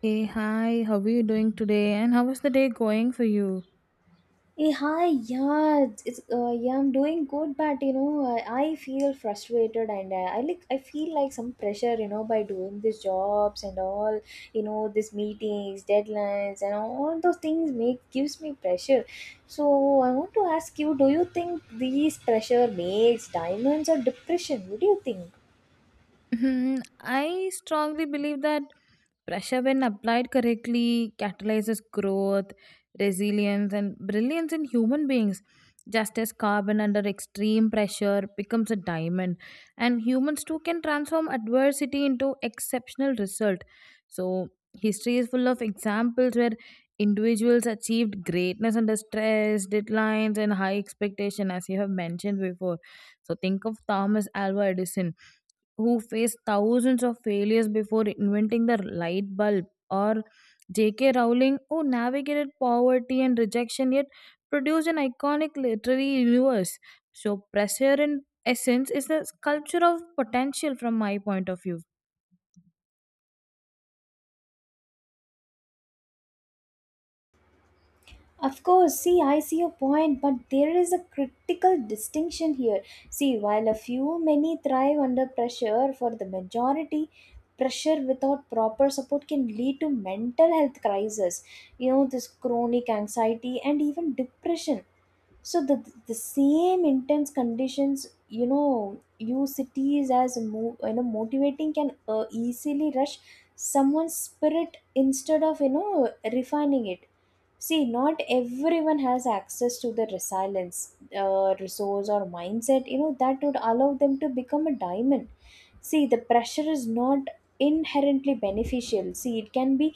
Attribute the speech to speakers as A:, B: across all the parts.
A: Hey, hi, how are you doing today? And how is the day going for you?
B: Hey, hi, yeah, it's yeah, I'm doing good, but I feel frustrated and I feel like some pressure, by doing these jobs and all, these meetings, deadlines, and all those things make gives me pressure. So I want to ask you, do you think these pressure makes diamonds or depression? What do you think?
A: Mhm. I strongly believe that pressure, when applied correctly, catalyzes growth, resilience, and brilliance in human beings. Just as carbon under extreme pressure becomes a diamond, and humans too can transform adversity into exceptional result. So, history is full of examples where individuals achieved greatness under stress, deadlines, and high expectation, as you have mentioned before. So, think of Thomas Alva Edison who faced thousands of failures before inventing the light bulb, or J.K. Rowling, who navigated poverty and rejection yet produced an iconic literary universe. So, pressure in essence is the sculpture of potential from my point of view.
B: Of course, see, I see your point, but there is a critical distinction here. See, while a few many thrive under pressure, for the majority, pressure without proper support can lead to mental health crisis, this chronic anxiety and even depression. So, the same intense conditions, use cities as motivating can easily rush someone's spirit instead of, refining it. See, not everyone has access to the resilience, resource, or mindset, that would allow them to become a diamond. See, the pressure is not inherently beneficial. See, it can be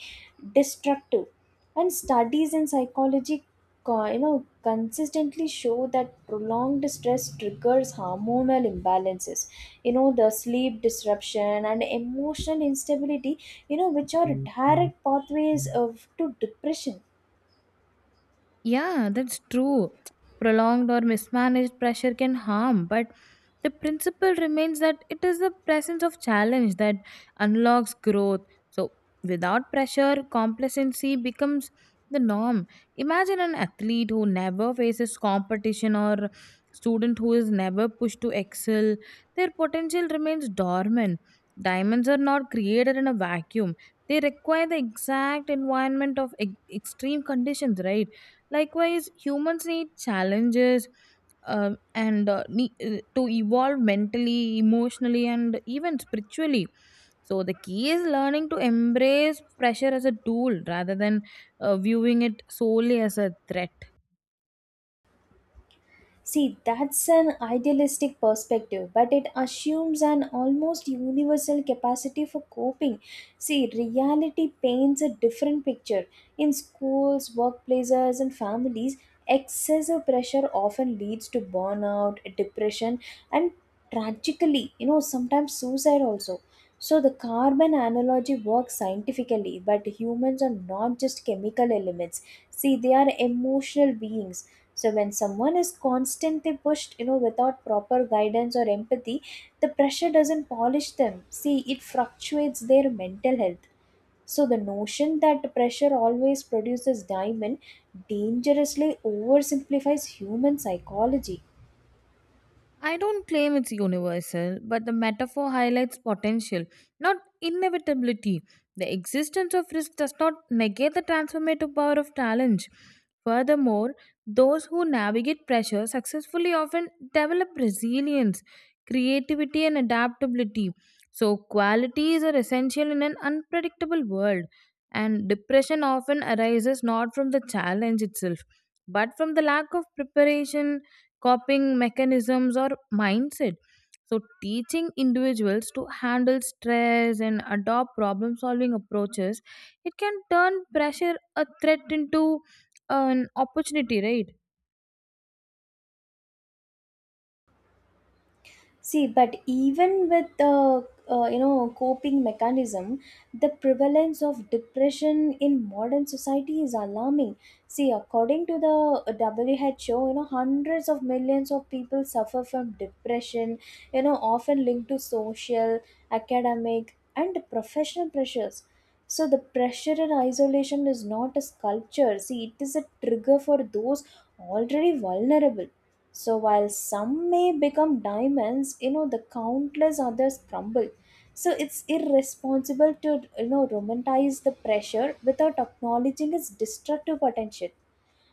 B: destructive. And studies in psychology, consistently show that prolonged stress triggers hormonal imbalances, the sleep disruption and emotional instability, which are direct pathways of to depression.
A: Yeah, that's true. Prolonged or mismanaged pressure can harm, but the principle remains that it is the presence of challenge that unlocks growth. So, without pressure, complacency becomes the norm. Imagine an athlete who never faces competition or student who is never pushed to excel. Their potential remains dormant. Diamonds are not created in a vacuum. They require the exact environment of extreme conditions, right? Likewise, humans need challenges to evolve mentally, emotionally, and even spiritually. So the key is learning to embrace pressure as a tool rather than viewing it solely as a threat.
B: See, that's an idealistic perspective, but it assumes an almost universal capacity for coping. See, reality paints a different picture. In schools, workplaces, and families, excessive pressure often leads to burnout, depression, and tragically, sometimes suicide also. So, the carbon analogy works scientifically, but humans are not just chemical elements. See, they are emotional beings. So when someone is constantly pushed, without proper guidance or empathy, the pressure doesn't polish them. See, it fluctuates their mental health. So the notion that pressure always produces diamond dangerously oversimplifies human psychology.
A: I don't claim it's universal, but the metaphor highlights potential, not inevitability. The existence of risk does not negate the transformative power of challenge. Furthermore, those who navigate pressure successfully often develop resilience, creativity, and adaptability. So, qualities are essential in an unpredictable world, and depression often arises not from the challenge itself, but from the lack of preparation, coping mechanisms, or mindset. So teaching individuals to handle stress and adopt problem solving approaches, it can turn pressure a threat into an opportunity, right?
B: See, but even with the coping mechanism, the prevalence of depression in modern society is alarming. See, according to the WHO, hundreds of millions of people suffer from depression. Often linked to social, academic, and professional pressures. So the pressure and isolation is not a sculpture. See, it is a trigger for those already vulnerable. So while some may become diamonds, the countless others crumble. So it's irresponsible to, romanticize the pressure without acknowledging its destructive potential.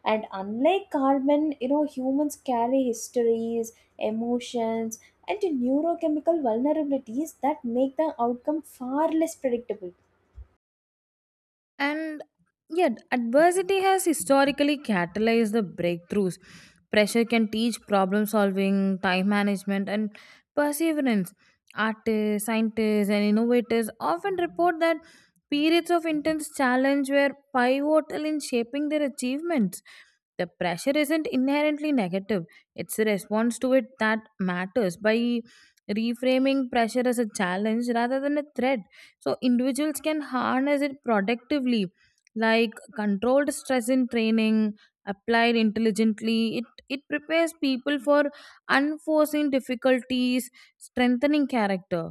B: And unlike carbon, humans carry histories, emotions, and neurochemical vulnerabilities that make the outcome far less predictable.
A: And yet, adversity has historically catalyzed the breakthroughs. Pressure can teach problem solving, time management, and perseverance. Artists, scientists, and innovators often report that periods of intense challenge were pivotal in shaping their achievements. The pressure isn't inherently negative, it's a response to it that matters. By reframing pressure as a challenge rather than a threat, so individuals can harness it productively, like controlled stress in training applied intelligently, it prepares people for unforeseen difficulties, strengthening character.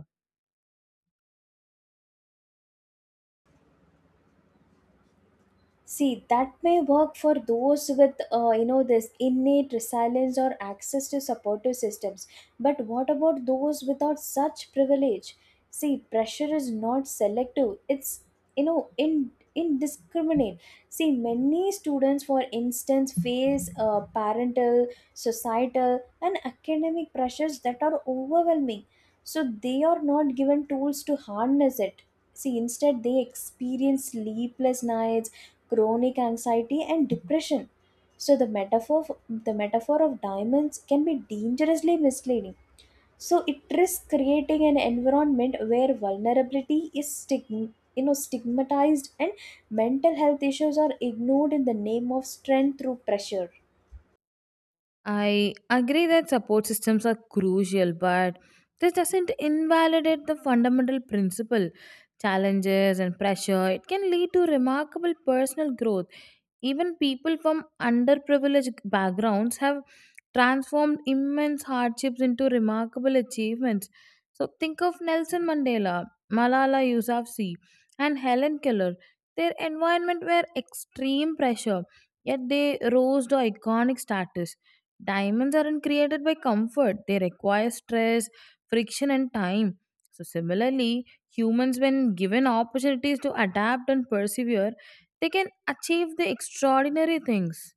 B: See, that may work for those with, this innate resilience or access to supportive systems. But what about those without such privilege? See, pressure is not selective. It's, in indiscriminate. See, many students, for instance, face parental, societal, and academic pressures that are overwhelming. So they are not given tools to harness it. See, instead, they experience sleepless nights, chronic anxiety, and depression. So the metaphor of diamonds can be dangerously misleading. So it risks creating an environment where vulnerability is stigmatized and mental health issues are ignored in the name of strength through pressure.
A: I agree that support systems are crucial, but this doesn't invalidate the fundamental principle. Challenges and pressure, it can lead to remarkable personal growth. Even people from underprivileged backgrounds have transformed immense hardships into remarkable achievements. So think of Nelson Mandela, Malala Yousafzai, and Helen Keller. Their environment were extreme pressure, yet they rose to iconic status. Diamonds aren't created by comfort, they require stress, friction, and time. So, similarly, humans, when given opportunities to adapt and persevere, they can achieve the extraordinary things.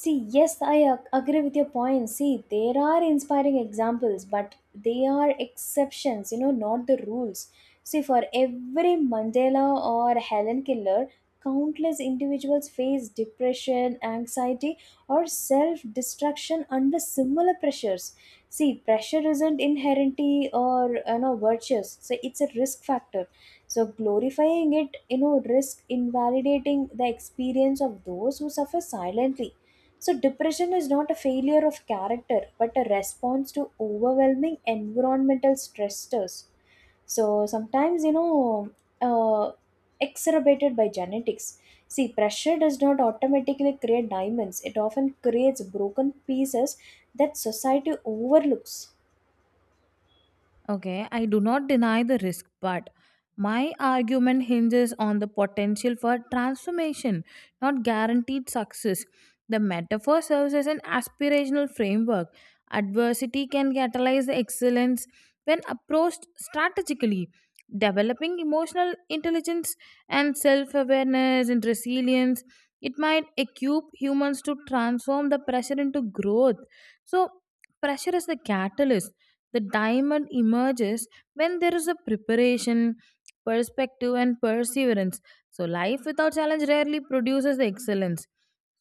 B: See, yes, I agree with your point. See, there are inspiring examples, but they are exceptions, not the rules. See, for every Mandela or Helen Keller, countless individuals face depression, anxiety, or self destruction under similar pressures. See, pressure isn't inherently or, virtuous, so it's a risk factor. So, glorifying it, risk invalidating the experience of those who suffer silently. So, depression is not a failure of character but a response to overwhelming environmental stressors. So, sometimes, uh, exacerbated by genetics. See, pressure does not automatically create diamonds, it often creates broken pieces that society overlooks.
A: Okay, I do not deny the risk, but my argument hinges on the potential for transformation, not guaranteed success. The metaphor serves as an aspirational framework. Adversity can catalyze the excellence when approached strategically. Developing emotional intelligence and self awareness and resilience, it might equip humans to transform the pressure into growth. So, pressure is the catalyst, the diamond emerges when there is a preparation, perspective, and perseverance. So, life without challenge rarely produces excellence.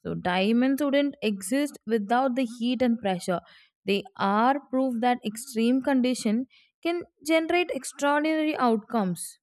A: So, diamonds wouldn't exist without the heat and pressure. They are proof that extreme condition can generate extraordinary outcomes.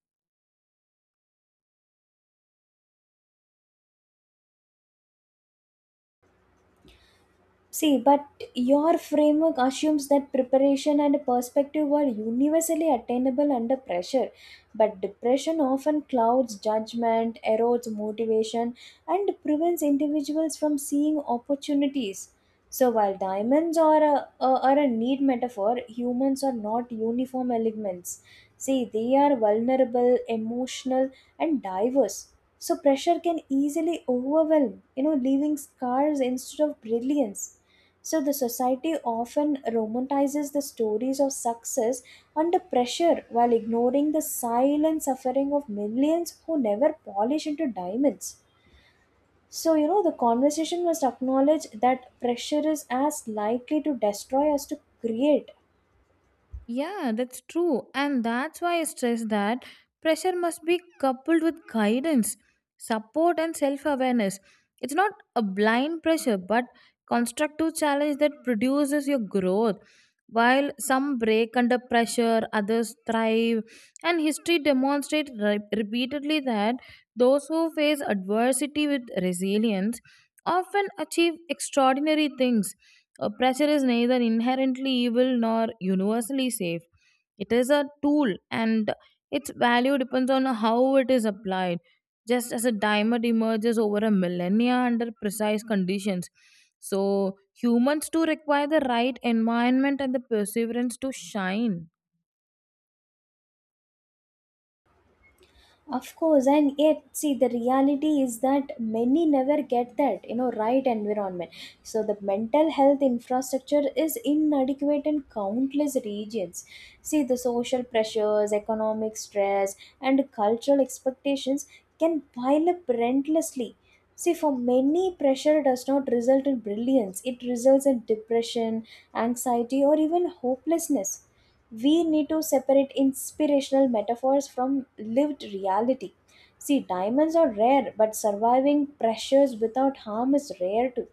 B: See, but your framework assumes that preparation and perspective are universally attainable under pressure. But depression often clouds judgment, erodes motivation, and prevents individuals from seeing opportunities. So, while diamonds are are a need metaphor, humans are not uniform elements. See, they are vulnerable, emotional, and diverse. So pressure can easily overwhelm, leaving scars instead of brilliance. So the society often romanticizes the stories of success under pressure while ignoring the silent suffering of millions who never polish into diamonds. So, the conversation must acknowledge that pressure is as likely to destroy as to create.
A: Yeah, that's true. And that's why I stress that pressure must be coupled with guidance, support, and self awareness. It's not a blind pressure, but constructive challenge that produces your growth. While some break under pressure, others thrive, and history demonstrates repeatedly that those who face adversity with resilience often achieve extraordinary things. Uh, pressure is neither inherently evil nor universally safe. It is a tool and its value depends on how it is applied. Just as a diamond emerges over a millennia under precise conditions, so humans too require the right environment and the perseverance to shine.
B: Of course, and yet, see, the reality is that many never get that, right environment. So, the mental health infrastructure is inadequate in countless regions. See, the social pressures, economic stress, and cultural expectations can pile up relentlessly. See, for many, pressure does not result in brilliance, it results in depression, anxiety, or even hopelessness. We need to separate inspirational metaphors from lived reality. See, diamonds are rare, but surviving pressures without harm is rare too.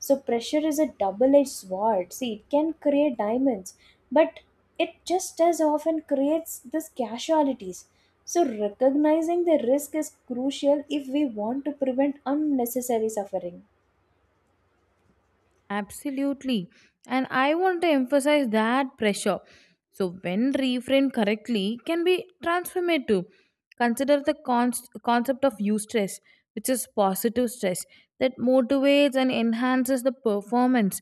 B: So, pressure is a double edged sword. See, it can create diamonds, but it just as often creates these casualties. So, recognizing the risk is crucial if we want to prevent unnecessary suffering.
A: Absolutely. And I want to emphasize that pressure. So, when reframed correctly, can be transformative. Consider the concept of eustress, which is positive stress that motivates and enhances the performance.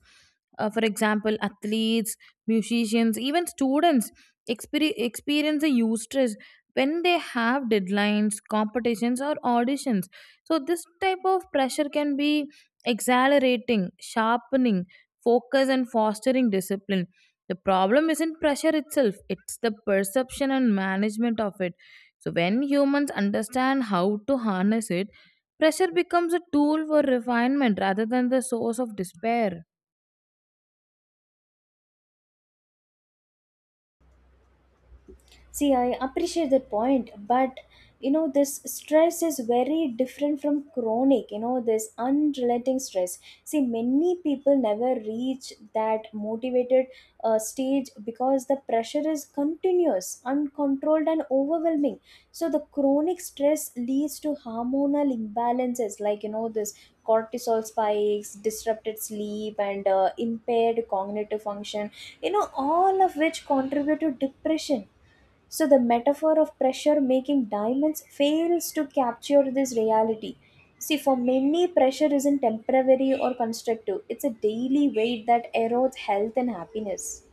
A: For example, athletes, musicians, even students experience a eustress when they have deadlines, competitions, or auditions. So, this type of pressure can be exhilarating, sharpening, focus, and fostering discipline. The problem isn't pressure itself, it's the perception and management of it. So, when humans understand how to harness it, pressure becomes a tool for refinement rather than the source of despair.
B: See, I appreciate the point, but this stress is very different from chronic, this unrelenting stress. See, many people never reach that motivated stage because the pressure is continuous, uncontrolled, and overwhelming. So, the chronic stress leads to hormonal imbalances like, this cortisol spikes, disrupted sleep, and impaired cognitive function, all of which contribute to depression. So the metaphor of pressure making diamonds fails to capture this reality. See, for many, pressure isn't temporary or constructive, it's a daily weight that erodes health and happiness.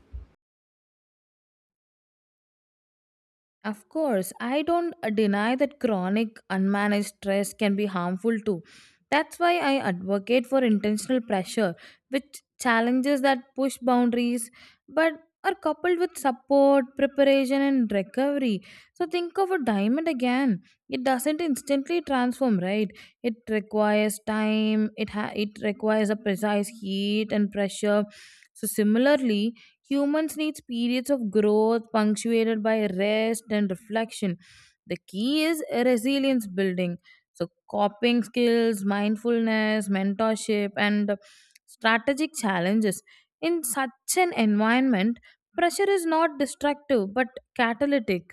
A: Of course, I don't deny that chronic unmanaged stress can be harmful too. That's why I advocate for intentional pressure, which challenges that push boundaries but are coupled with support, preparation, and recovery. So think of a diamond again. It doesn't instantly transform, right? It requires time, it requires a precise heat and pressure. So, similarly, humans need periods of growth punctuated by rest and reflection. The key is resilience building. So, coping skills, mindfulness, mentorship, and strategic challenges. In such an environment, pressure is not destructive but catalytic.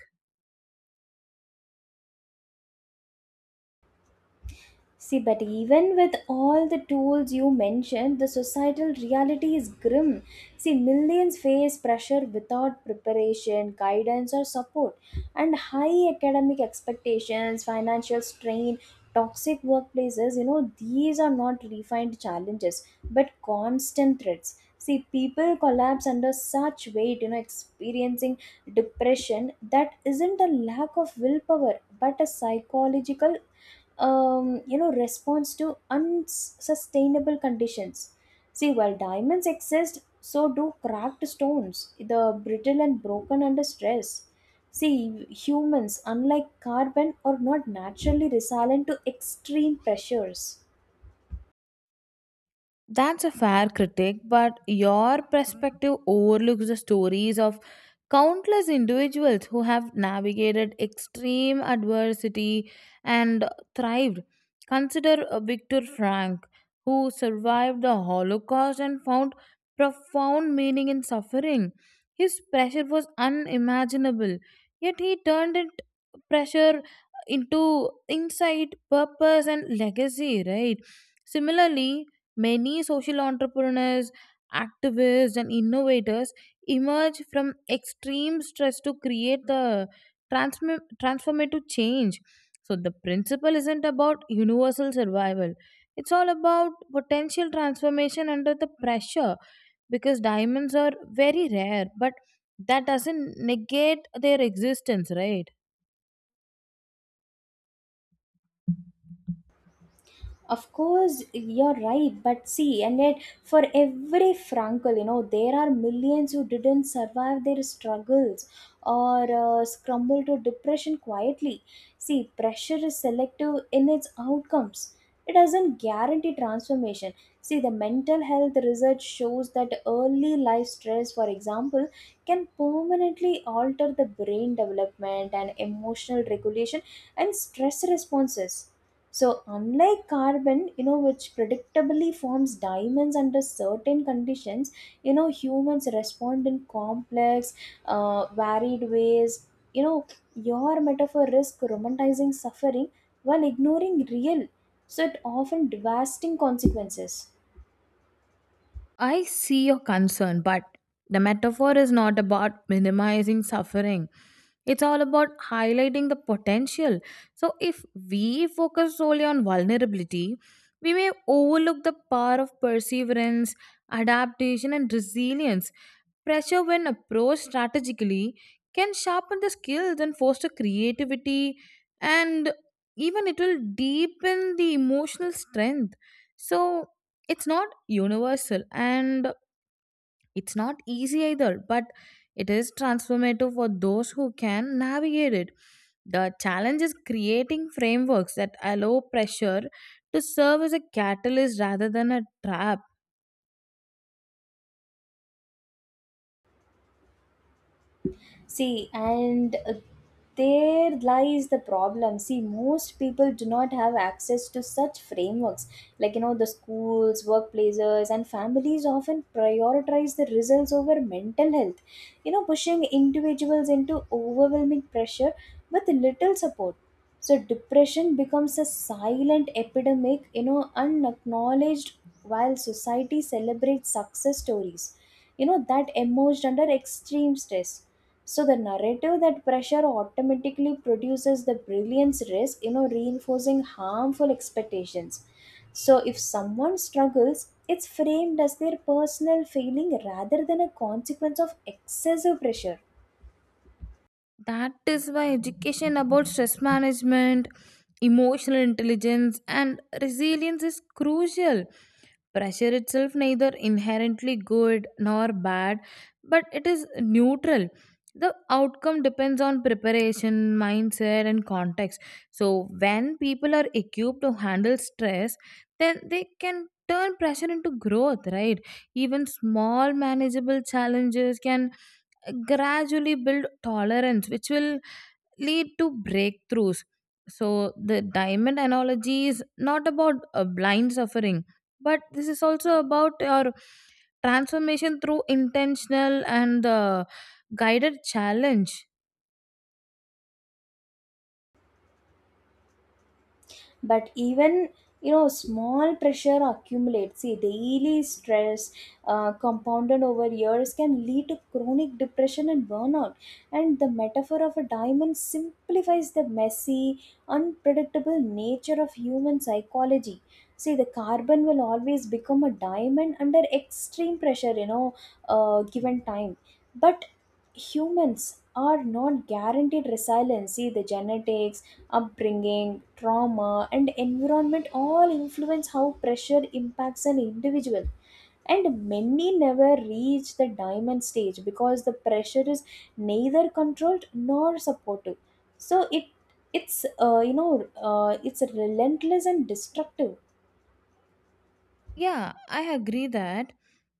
B: See, but even with all the tools you mentioned, the societal reality is grim. See, millions face pressure without preparation, guidance, or support, and high academic expectations, financial strain, toxic workplaces, these are not refined challenges but constant threats. See, people collapse under such weight, experiencing depression that isn't a lack of willpower but a psychological response to unsustainable conditions. See, while diamonds exist, so do cracked stones, the brittle and broken under stress. See, humans, unlike carbon, are not naturally resilient to extreme pressures.
A: That's a fair critic, but your perspective overlooks the stories of countless individuals who have navigated extreme adversity and thrived. Consider Viktor Frank, who survived the Holocaust and found profound meaning in suffering. His pressure was unimaginable, yet he turned it, pressure, into insight, purpose, and legacy, right? Similarly, many social entrepreneurs, activists, and innovators emerge from extreme stress to create the transformative change. So, the principle isn't about universal survival, it's all about potential transformation under the pressure, because diamonds are very rare, but that doesn't negate their existence, right?
B: Of course, you're right, but see, and yet for every Frankel, there are millions who didn't survive their struggles or scramble to depression quietly. See, pressure is selective in its outcomes. It doesn't guarantee transformation. See, the mental health research shows that early life stress, for example, can permanently alter the brain development and emotional regulation and stress responses. So, unlike carbon, which predictably forms diamonds under certain conditions, humans respond in complex, varied ways. You know, your metaphor risks romanticizing suffering while ignoring real, so it often devastating consequences.
A: I see your concern, but the metaphor is not about minimizing suffering. It's all about highlighting the potential. So, if we focus solely on vulnerability, we may overlook the power of perseverance, adaptation, and resilience. Pressure, when approached strategically, can sharpen the skills and foster creativity, and even it will deepen the emotional strength. So, it's not universal, and it's not easy either, but it is transformative for those who can navigate it. The challenge is creating frameworks that allow pressure to serve as a catalyst rather than a trap.
B: See, and there lies the problem. See, most people do not have access to such frameworks. Like, the schools, workplaces, and families often prioritize the results over mental health, pushing individuals into overwhelming pressure with little support. So, depression becomes a silent epidemic, unacknowledged while society celebrates success stories. That emerged under extreme stress. So the narrative that pressure automatically produces the brilliance risk, reinforcing harmful expectations. So if someone struggles, it's framed as their personal failing rather than a consequence of excessive pressure.
A: That is why education about stress management, emotional intelligence, and resilience is crucial. Pressure itself neither inherently good nor bad, but it is neutral. The outcome depends on preparation, mindset, and context. So, when people are equipped to handle stress, then they can turn pressure into growth, right? Even small manageable challenges can gradually build tolerance, which will lead to breakthroughs. So, the diamond analogy is not about a blind suffering, but this is also about your transformation through intentional and guided challenge.
B: But even small pressure accumulates. See, daily stress, compounded over years, can lead to chronic depression and burnout, and the metaphor of a diamond simplifies the messy, unpredictable nature of human psychology. See, the carbon will always become a diamond under extreme pressure, given time. But humans are not guaranteed resilience. See, the genetics, upbringing, trauma, and environment all influence how pressure impacts an individual. And many never reach the diamond stage because the pressure is neither controlled nor supportive. So it it's you know it's relentless and destructive.
A: Yeah, I agree that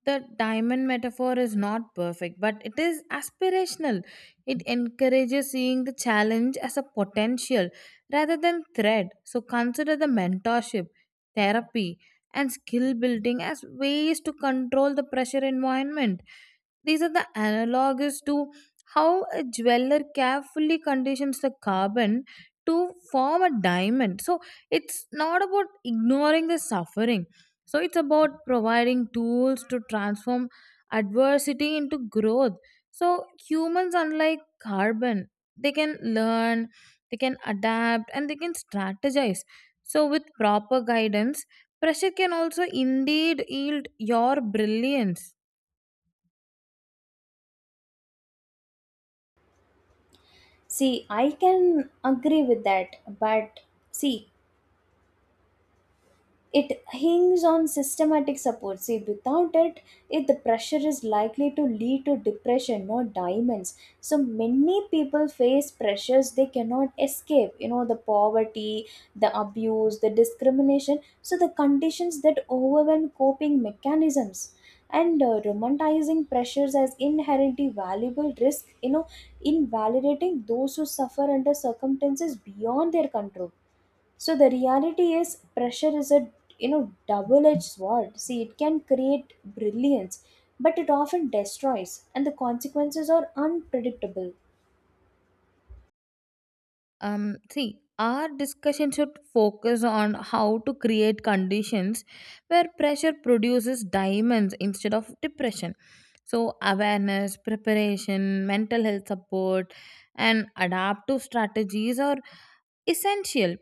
A: the diamond metaphor is not perfect, but it is aspirational. It encourages seeing the challenge as a potential rather than threat. So consider the mentorship, therapy, and skill building as ways to control the pressure environment. These are the analogues to how a jeweler carefully conditions the carbon to form a diamond. So it's not about ignoring the suffering. So it's about providing tools to transform adversity into growth. So humans, unlike carbon, they can learn, they can adapt, and they can strategize. So with proper guidance, pressure can also indeed yield your brilliance.
B: See, I can agree with that, but see, it hinges on systematic support. See, without it, the pressure is likely to lead to depression, not diamonds. So many people face pressures they cannot escape. The poverty, the abuse, the discrimination. So the conditions that overwhelm coping mechanisms and romanticizing pressures as inherently valuable risk. Invalidating those who suffer under circumstances beyond their control. So the reality is pressure is a double edged sword. See, it can create brilliance, but it often destroys, and the consequences are unpredictable.
A: See, our discussion should focus on how to create conditions where pressure produces diamonds instead of depression. So awareness, preparation, mental health support, and adaptive strategies are essential.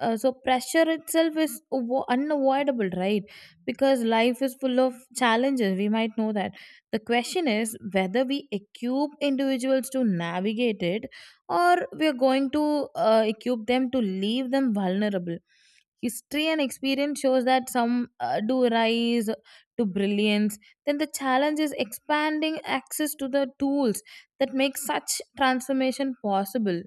A: So pressure itself is unavoidable, right? Because life is full of challenges, we might know that. The question is whether we equip individuals to navigate it, or we are going to equip them to leave them vulnerable. History and experience shows that some do rise to brilliance. Then the challenge is expanding access to the tools that make such transformation possible.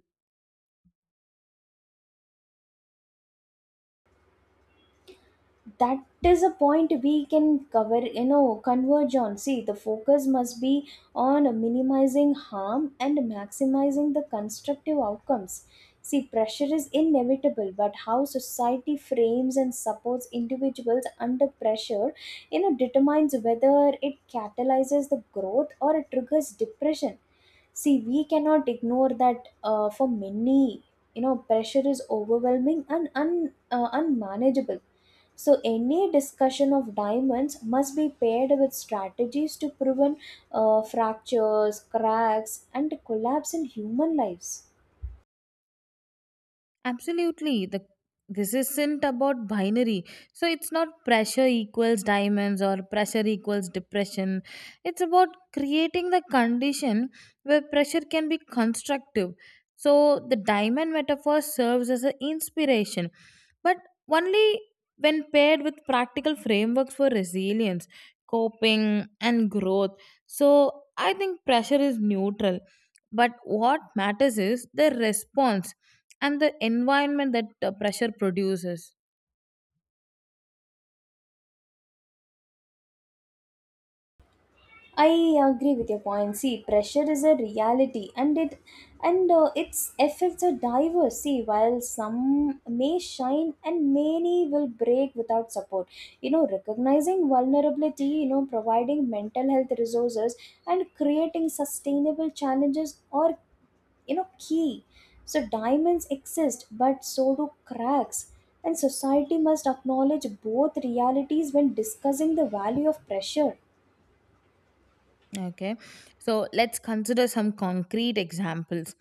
B: That is a point we can cover, converge on. See, the focus must be on minimizing harm and maximizing the constructive outcomes. See, pressure is inevitable, but how society frames and supports individuals under pressure, determines whether it catalyzes the growth or it triggers depression. See, we cannot ignore that, for many, pressure is overwhelming and unmanageable. So any discussion of diamonds must be paired with strategies to prevent fractures, cracks, and collapse in human lives.
A: Absolutely. The this isn't about binary. So it's not pressure equals diamonds or pressure equals depression. It's about creating the condition where pressure can be constructive. So the diamond metaphor serves as an inspiration, but only when paired with practical frameworks for resilience, coping and growth. So I think pressure is neutral, but what matters is the response and the environment that pressure produces.
B: I agree with your point. See, pressure is a reality, and it and its effects are diverse. See, while some may shine and many will break without support. Recognizing vulnerability, providing mental health resources and creating sustainable challenges are key. So diamonds exist, but so do cracks. And society must acknowledge both realities when discussing the value of pressure.
A: Okay, so let's consider some concrete examples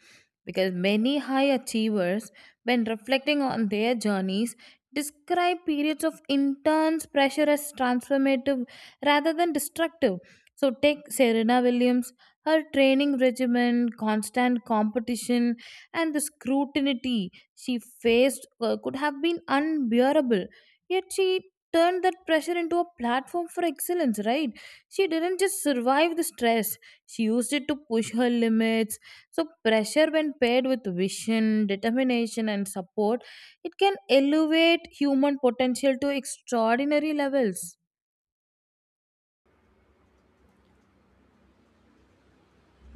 A: because many high achievers, when reflecting on their journeys, describe periods of intense pressure as transformative rather than destructive. So, take Serena Williams, her training regimen, constant competition, and the scrutiny she faced could have been unbearable, yet she turned that pressure into a platform for excellence, right? She didn't just survive the stress, she used it to push her limits. So, pressure, when paired with vision, determination, and support, it can elevate human potential to extraordinary levels.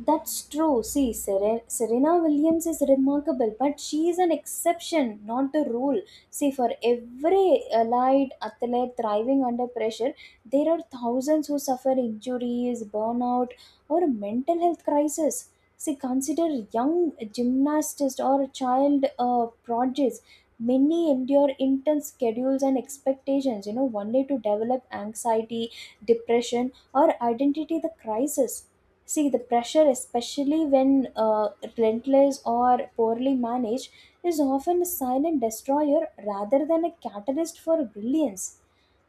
B: That's true. See, Serena Williams is remarkable, but she is an exception, not the rule. See, for every allied athlete thriving under pressure, there are thousands who suffer injuries, burnout, or mental health crisis. See, consider young gymnasts or child prodigies. Many endure intense schedules and expectations, one day to develop anxiety, depression, or identity the crisis. See, the pressure, especially when relentless or poorly managed, is often a silent destroyer rather than a catalyst for brilliance.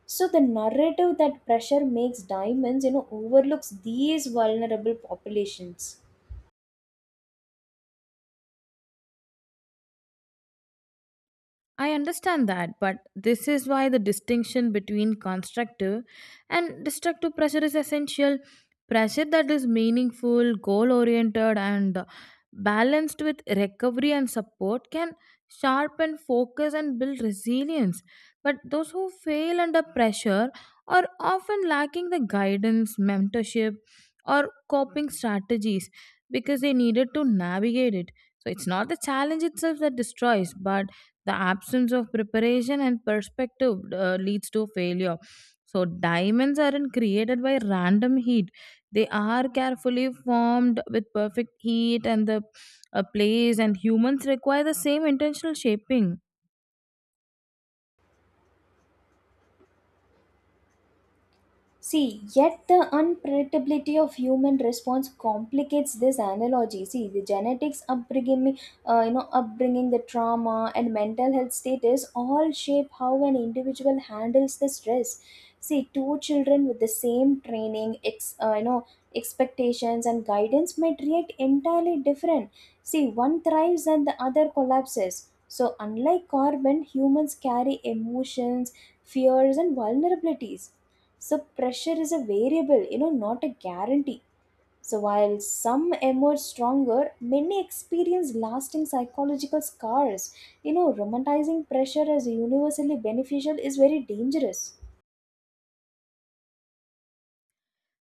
B: So the narrative that pressure makes diamonds, overlooks these vulnerable populations.
A: I understand that, but this is why the distinction between constructive and destructive pressure is essential. Pressure that is meaningful, goal oriented, and balanced with recovery and support can sharpen focus and build resilience. But those who fail under pressure are often lacking the guidance, mentorship, or coping strategies because they needed to navigate it. So it's not the challenge itself that destroys, but the absence of preparation and perspective leads to failure. So, diamonds aren't created by random heat. They are carefully formed with perfect heat and the place, and humans require the same intentional shaping.
B: See, yet the unpredictability of human response complicates this analogy. See, the genetics, upbringing, the trauma, and mental health status all shape how an individual handles the stress. See, two children with the same training, expectations and guidance might react entirely different. See, one thrives and the other collapses. So, unlike carbon, humans carry emotions, fears, and vulnerabilities. So pressure is a variable, not a guarantee. So while some emerge stronger, many experience lasting psychological scars. Romanticizing pressure as universally beneficial is very dangerous.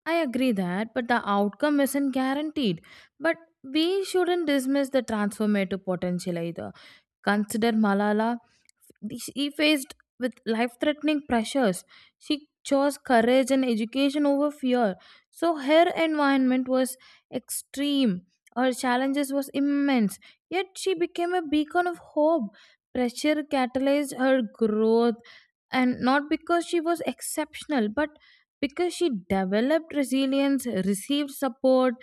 A: I agree that, but the outcome isn't guaranteed. But we shouldn't dismiss the transformative potential either. Consider Malala. She faced with life threatening pressures. She chose courage and education over fear. So her environment was extreme. Her challenges was immense. Yet she became a beacon of hope. Pressure catalyzed her growth, and not because she was exceptional but because she developed resilience, received support,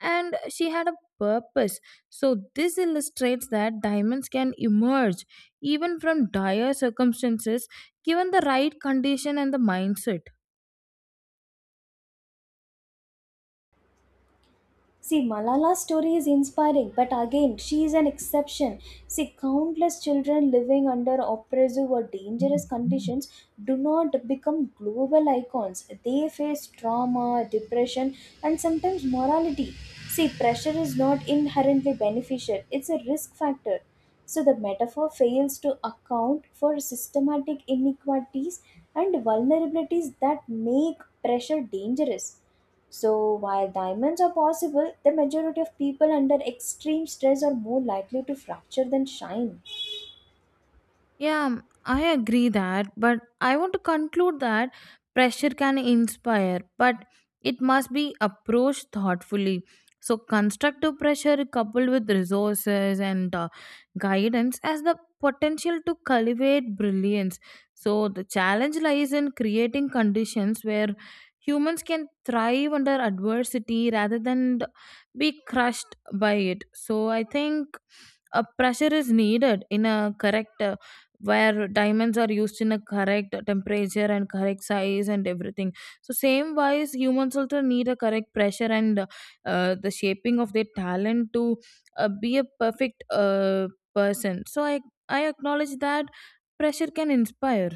A: and she had a purpose. So this illustrates that diamonds can emerge even from dire circumstances given the right condition and the mindset.
B: See, Malala's story is inspiring, but again, she is an exception. See, countless children living under oppressive or dangerous conditions do not become global icons. They face trauma, depression, and sometimes morality. See, pressure is not inherently beneficial, it's a risk factor. So, the metaphor fails to account for systematic inequalities and vulnerabilities that make pressure dangerous. So, while diamonds are possible, the majority of people under extreme stress are more likely to fracture than shine.
A: Yeah, I agree that, but I want to conclude that pressure can inspire, but it must be approached thoughtfully. So, constructive pressure coupled with resources and guidance has the potential to cultivate brilliance. So, the challenge lies in creating conditions where humans can thrive under adversity rather than be crushed by it. So, I think a pressure is needed in a correct where diamonds are used in a correct temperature and correct size and everything. So same wise humans also need a correct pressure and the shaping of their talent to be a perfect person. So I acknowledge that pressure can inspire.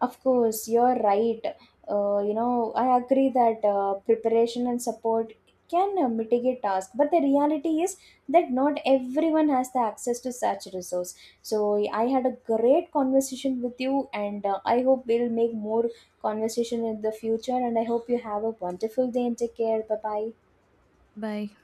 B: Of course, you're right. I agree that preparation and support can mitigate tasks, but the reality is that not everyone has the access to such resource. So, I had a great conversation with you, and I hope we'll make more conversation in the future. And I hope you have a wonderful day and take care. Bye bye.
A: Bye.